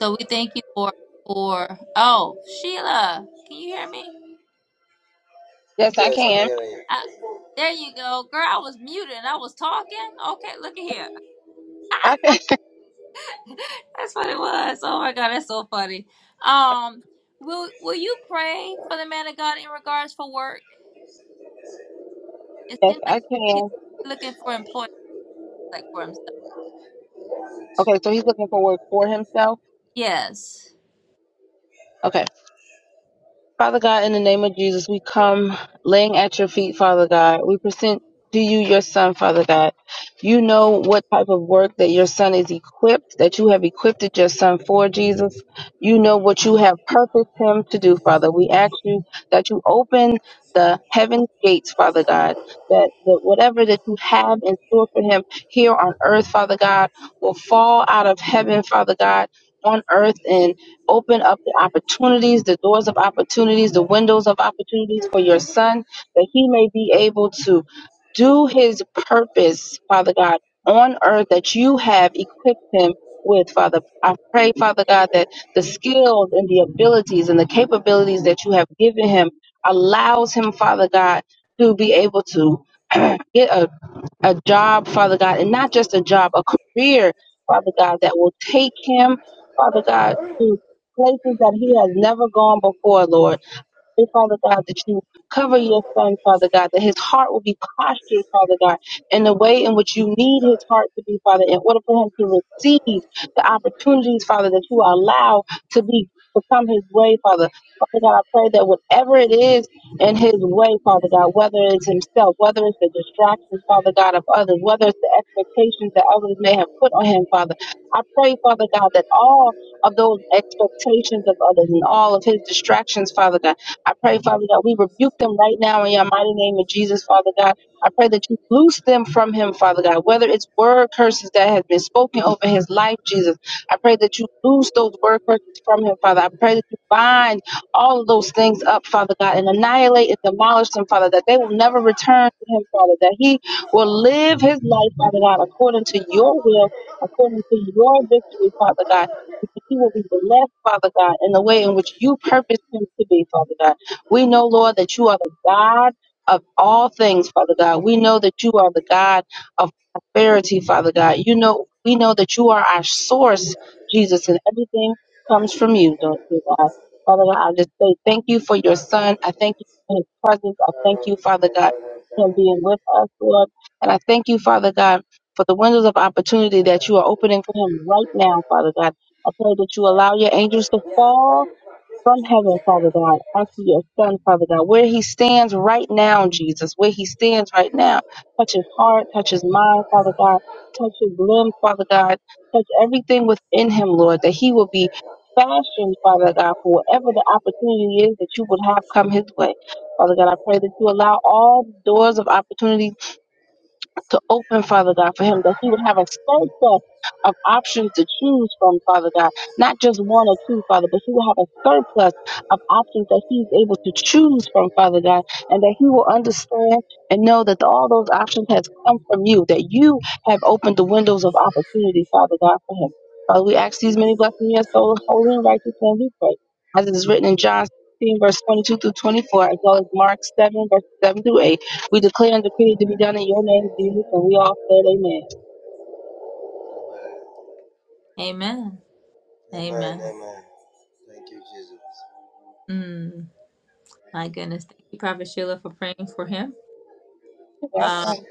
[SPEAKER 1] So we thank you for for. Oh, Sheila, can you hear me?
[SPEAKER 2] Yes, I
[SPEAKER 3] Yes, I'm
[SPEAKER 2] can.
[SPEAKER 3] hearing you.
[SPEAKER 1] I, there you go, girl. I was muted and I was talking. Okay, look at here.
[SPEAKER 2] I can.
[SPEAKER 1] that's what it was. Oh my god, that's so funny. Um, will will you pray for the man of God in regards for work? It
[SPEAKER 2] Yes,
[SPEAKER 1] seems like
[SPEAKER 2] I
[SPEAKER 1] he's
[SPEAKER 2] can.
[SPEAKER 1] looking for employment, like for himself.
[SPEAKER 2] Okay, so he's looking for work for himself.
[SPEAKER 1] Yes.
[SPEAKER 2] Okay. Father God, in the name of Jesus, we come laying at your feet, Father God. We present to you your son, Father God. You know what type of work that your son is equipped, that you have equipped your son for, Jesus. You know what you have purposed him to do, Father. We ask you that you open the heaven gates, Father God, that, that whatever that you have in store for him here on earth, Father God, will fall out of heaven, Father God, on earth Open up the opportunities, the doors of opportunities, the windows of opportunities for your son, that he may be able to do his purpose, Father God, on earth that you have equipped him with, Father. I pray, Father God, that the skills and the abilities and the capabilities that you have given him allows him, Father God, to be able to get a a job, Father God, and not just a job, a career, Father God, that will take him, Father God, to places that he has never gone before, Lord pray, Father God, that you cover your son, Father God, that his heart will be postured, Father God, in the way in which you need his heart to be, Father, in order for him to receive the opportunities, Father, that you allow to be to come his way, Father. Father God, I pray that whatever it is in his way, Father God, whether it's himself, whether it's the distractions, Father God, of others, whether it's the expectations that others may have put on him, Father, I pray, Father God, that all of those expectations of others and all of his distractions, Father God, I pray, Father, that we rebuke them right now in your mighty name of Jesus, Father God. I pray that you loose them from him, Father God, whether it's word curses that have been spoken over his life, Jesus. I pray that you loose those word curses from him, Father. I pray that you bind all of those things up, Father God, and annihilate and demolish them, Father, that they will never return to him, Father, that he will live his life, Father God, according to your will, according to your victory, Father God. He will be blessed, Father God, in the way in which you purpose him to be, Father God. We know, Lord, that you are the God of all things, Father God. We know that you are the God of prosperity, Father God. You know, we know that you are our source, Jesus, and everything comes from you, Lord God. Father God, I just say thank you for your son. I thank you for his presence. I thank you, Father God, for him being with us, Lord. And I thank you, Father God, for the windows of opportunity that you are opening for him right now, Father God. I pray that you allow your angels to fall from heaven, Father God, after your son, Father God, where he stands right now, Jesus, where he stands right now. Touch his heart, touch his mind, Father God, touch his limb, Father God, touch everything within him, Lord, that he will be fashioned, Father God, for whatever the opportunity is that you would have come his way. Father God, I pray that you allow all doors of opportunity to open, Father God, for him, that he would have a surplus of options to choose from, Father God. Not just one or two, Father, but he will have a surplus of options that he's able to choose from, Father God, and that he will understand and know that all those options has come from you, that you have opened the windows of opportunity, Father God, for him. Father, we ask these many blessings in your soul, holy and righteous name we pray. As it is written in John 16, verse 22 through 24, as well as Mark 7, verse 7 through 8. We declare and decree it to be done in your name, Jesus, and we all said amen.
[SPEAKER 1] Amen.
[SPEAKER 3] Amen.
[SPEAKER 1] Amen.
[SPEAKER 3] Amen. Thank you, Jesus.
[SPEAKER 1] Mm, my goodness. Thank you, Prophet Sheila, for praying for him.
[SPEAKER 2] Okay,
[SPEAKER 1] Uh,
[SPEAKER 3] Yes.
[SPEAKER 2] um,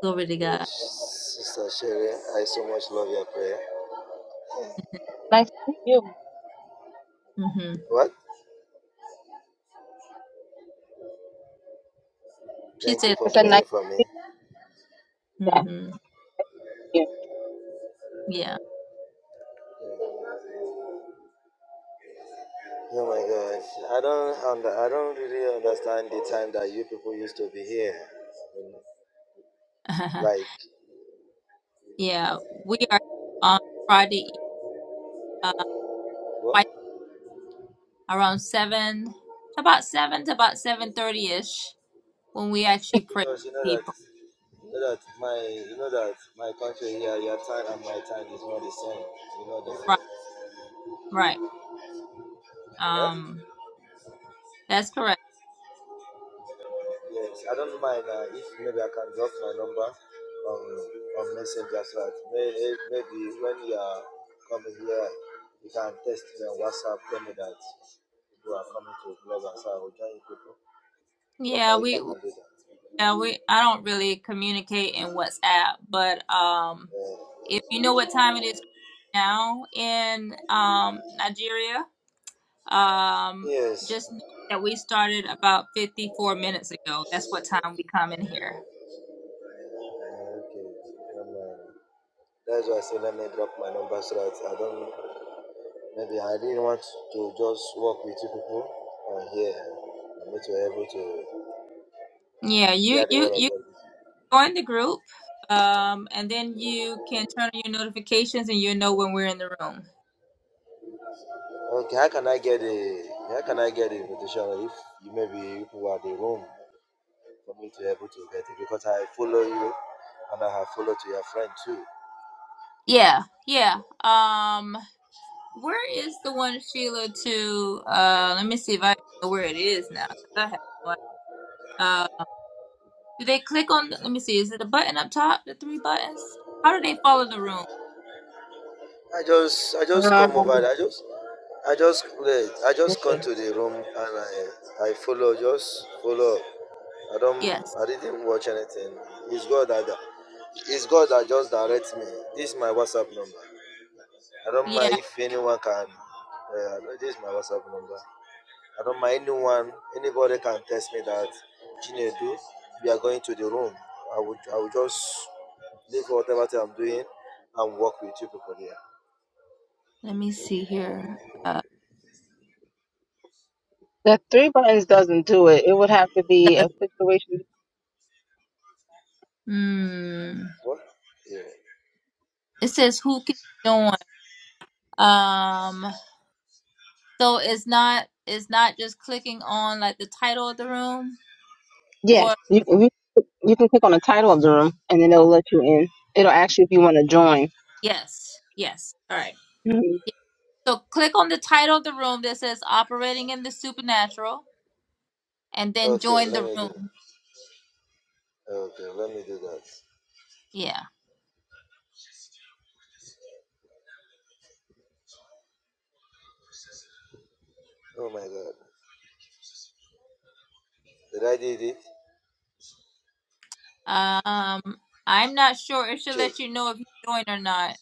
[SPEAKER 1] glory to
[SPEAKER 3] Uh,
[SPEAKER 1] God.
[SPEAKER 3] Sister Sherry, I so much love your prayer.
[SPEAKER 2] Nice to meet you.
[SPEAKER 1] hmm
[SPEAKER 3] What?
[SPEAKER 1] She
[SPEAKER 3] Thank you
[SPEAKER 1] said
[SPEAKER 3] for
[SPEAKER 2] It's a
[SPEAKER 1] thank
[SPEAKER 2] nice
[SPEAKER 3] praying for me.
[SPEAKER 1] you.
[SPEAKER 2] chat
[SPEAKER 1] hmm
[SPEAKER 2] here.
[SPEAKER 1] Yeah.
[SPEAKER 3] Oh my God, I don't under, I don't really understand the time that you people used to be here. Like
[SPEAKER 1] yeah. We are on Friday uh,
[SPEAKER 3] what?
[SPEAKER 1] twice around seven, about seven to about seven thirty ish when we actually pray
[SPEAKER 3] Because you
[SPEAKER 1] for
[SPEAKER 3] know that
[SPEAKER 1] people.
[SPEAKER 3] you know that my you know that my country here, your time and my time is not the same. You know
[SPEAKER 1] Right,
[SPEAKER 3] that.
[SPEAKER 1] right.
[SPEAKER 3] Huh?
[SPEAKER 1] Um, that's correct.
[SPEAKER 3] Yes, I don't mind uh, if maybe I can drop my number on on Messenger so that may- maybe when you are coming here, you can text me on WhatsApp, tell me that you are coming to club and so I will join you people. I don't
[SPEAKER 1] Yeah,
[SPEAKER 3] mind if I
[SPEAKER 1] we
[SPEAKER 3] can do that.
[SPEAKER 1] yeah we I don't really communicate in WhatsApp, but um,
[SPEAKER 3] Uh,
[SPEAKER 1] if you know what time it is now in um Nigeria, um,
[SPEAKER 3] yes.
[SPEAKER 1] just know that we started about fifty four minutes ago. That's what time we come in here.
[SPEAKER 3] Uh, okay. I don't mind. That's why I say let me drop my number so that I don't maybe I didn't want to just work with you people on here. I need to be able to
[SPEAKER 1] Yeah, you
[SPEAKER 3] hear the
[SPEAKER 1] you you
[SPEAKER 3] word of God.
[SPEAKER 1] join the group um and then you can turn on your notifications and you'll know when we're in the room
[SPEAKER 3] Okay, how can I get a how can I get the invitation if you maybe people are the room for me to be able to get it because I follow you and I have followed to your friend too.
[SPEAKER 1] yeah yeah um where is the one sheila to uh let me see if i know where it is now 'cause I have no uh do they click on the, let me see is it a button up top the three buttons how do they follow the room
[SPEAKER 3] I just I just
[SPEAKER 2] Um,
[SPEAKER 3] come over there. I just I just wait. I just come
[SPEAKER 2] okay.
[SPEAKER 3] to the room and I I follow just follow. I don't
[SPEAKER 1] yes
[SPEAKER 3] I didn't watch anything. It's God that it's God that just directs me. This is my WhatsApp number. I don't
[SPEAKER 1] yeah
[SPEAKER 3] mind if anyone can. Uh, this is my WhatsApp number. I don't mind anyone, anybody can text me that Chinedu, we are going to the room. I would I would just leave whatever thing I'm doing and work with you people there.
[SPEAKER 1] let me see here uh
[SPEAKER 2] The three buttons doesn't do it. It would have to be a situation.
[SPEAKER 1] hmm
[SPEAKER 3] What? Yeah.
[SPEAKER 1] it says who can join um So it's not it's not just clicking on like the title of the room
[SPEAKER 2] Yes,
[SPEAKER 1] or
[SPEAKER 2] you, you, you can click on the title of the room, and then it'll let you in. It'll ask you if you want to join.
[SPEAKER 1] yes. Yes. All right. Yeah. So click on the title of the room that says operating in the supernatural and then
[SPEAKER 3] Okay,
[SPEAKER 1] join
[SPEAKER 3] let
[SPEAKER 1] the
[SPEAKER 3] me do
[SPEAKER 1] room.
[SPEAKER 3] okay, let me do that.
[SPEAKER 1] Yeah.
[SPEAKER 3] Oh my god. Did I did it?
[SPEAKER 1] Um I'm not sure it should
[SPEAKER 3] Check.
[SPEAKER 1] let you know if you join or not.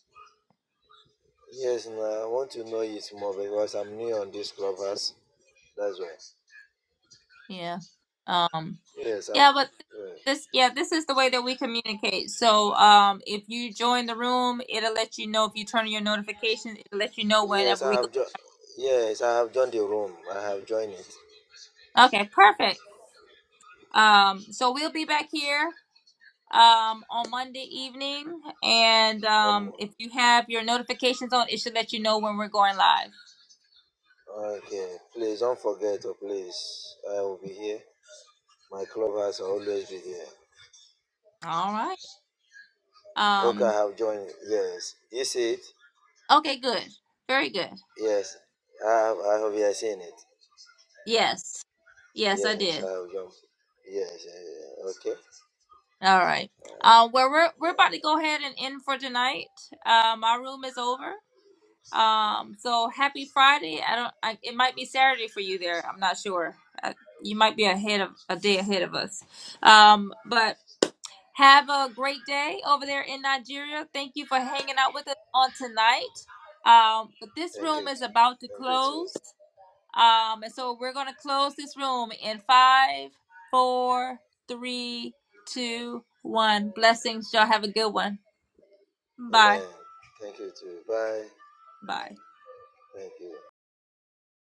[SPEAKER 3] Yes now I want to know it more because I'm new on this clubhouse. That's why.
[SPEAKER 1] Yeah. Um
[SPEAKER 3] Yes, I'm
[SPEAKER 1] yeah, but
[SPEAKER 3] yeah.
[SPEAKER 1] this yeah, this is the way that we communicate. So um if you join the room, it'll let you know if you turn on your notifications, it'll let you know
[SPEAKER 3] yes
[SPEAKER 1] whenever we
[SPEAKER 3] I
[SPEAKER 1] go
[SPEAKER 3] have jo- yes, I have joined the room. I have joined it.
[SPEAKER 1] Okay, perfect. Um, so we'll be back here um, on Monday evening, and um,
[SPEAKER 3] Um
[SPEAKER 1] if you have your notifications on, it should let you know when we're going live.
[SPEAKER 3] Okay, please don't forget, oh, please. I will be here. My club has always be here.
[SPEAKER 1] All right.
[SPEAKER 3] Okay, I
[SPEAKER 1] Um,
[SPEAKER 3] have joined. Yes, you see it?
[SPEAKER 1] okay. Good. Very good.
[SPEAKER 3] Yes, I have. I have yeah, seen it.
[SPEAKER 1] Yes. Yes, I
[SPEAKER 3] Yes,
[SPEAKER 1] did.
[SPEAKER 3] I have joined. Yes, yeah, yeah. yeah. okay.
[SPEAKER 1] All right. Uh, well, we're we're about to go ahead and end for tonight. Uh, my room is over. Um, so happy Friday. I don't. I, it might be Saturday for you there. I'm not sure. Uh you might be ahead of a day ahead of us. Um, but Have a great day over there in Nigeria. Thank you for hanging out with us on tonight. Um, but this
[SPEAKER 3] Thank
[SPEAKER 1] room
[SPEAKER 3] you.
[SPEAKER 1] is about to
[SPEAKER 3] Thank you too.
[SPEAKER 1] close. Um, and so we're going to close this room in five, four, three, two, one. Blessings. Y'all have a good one. Bye.
[SPEAKER 3] Amen. Thank you too. Bye.
[SPEAKER 1] Bye.
[SPEAKER 3] Thank you.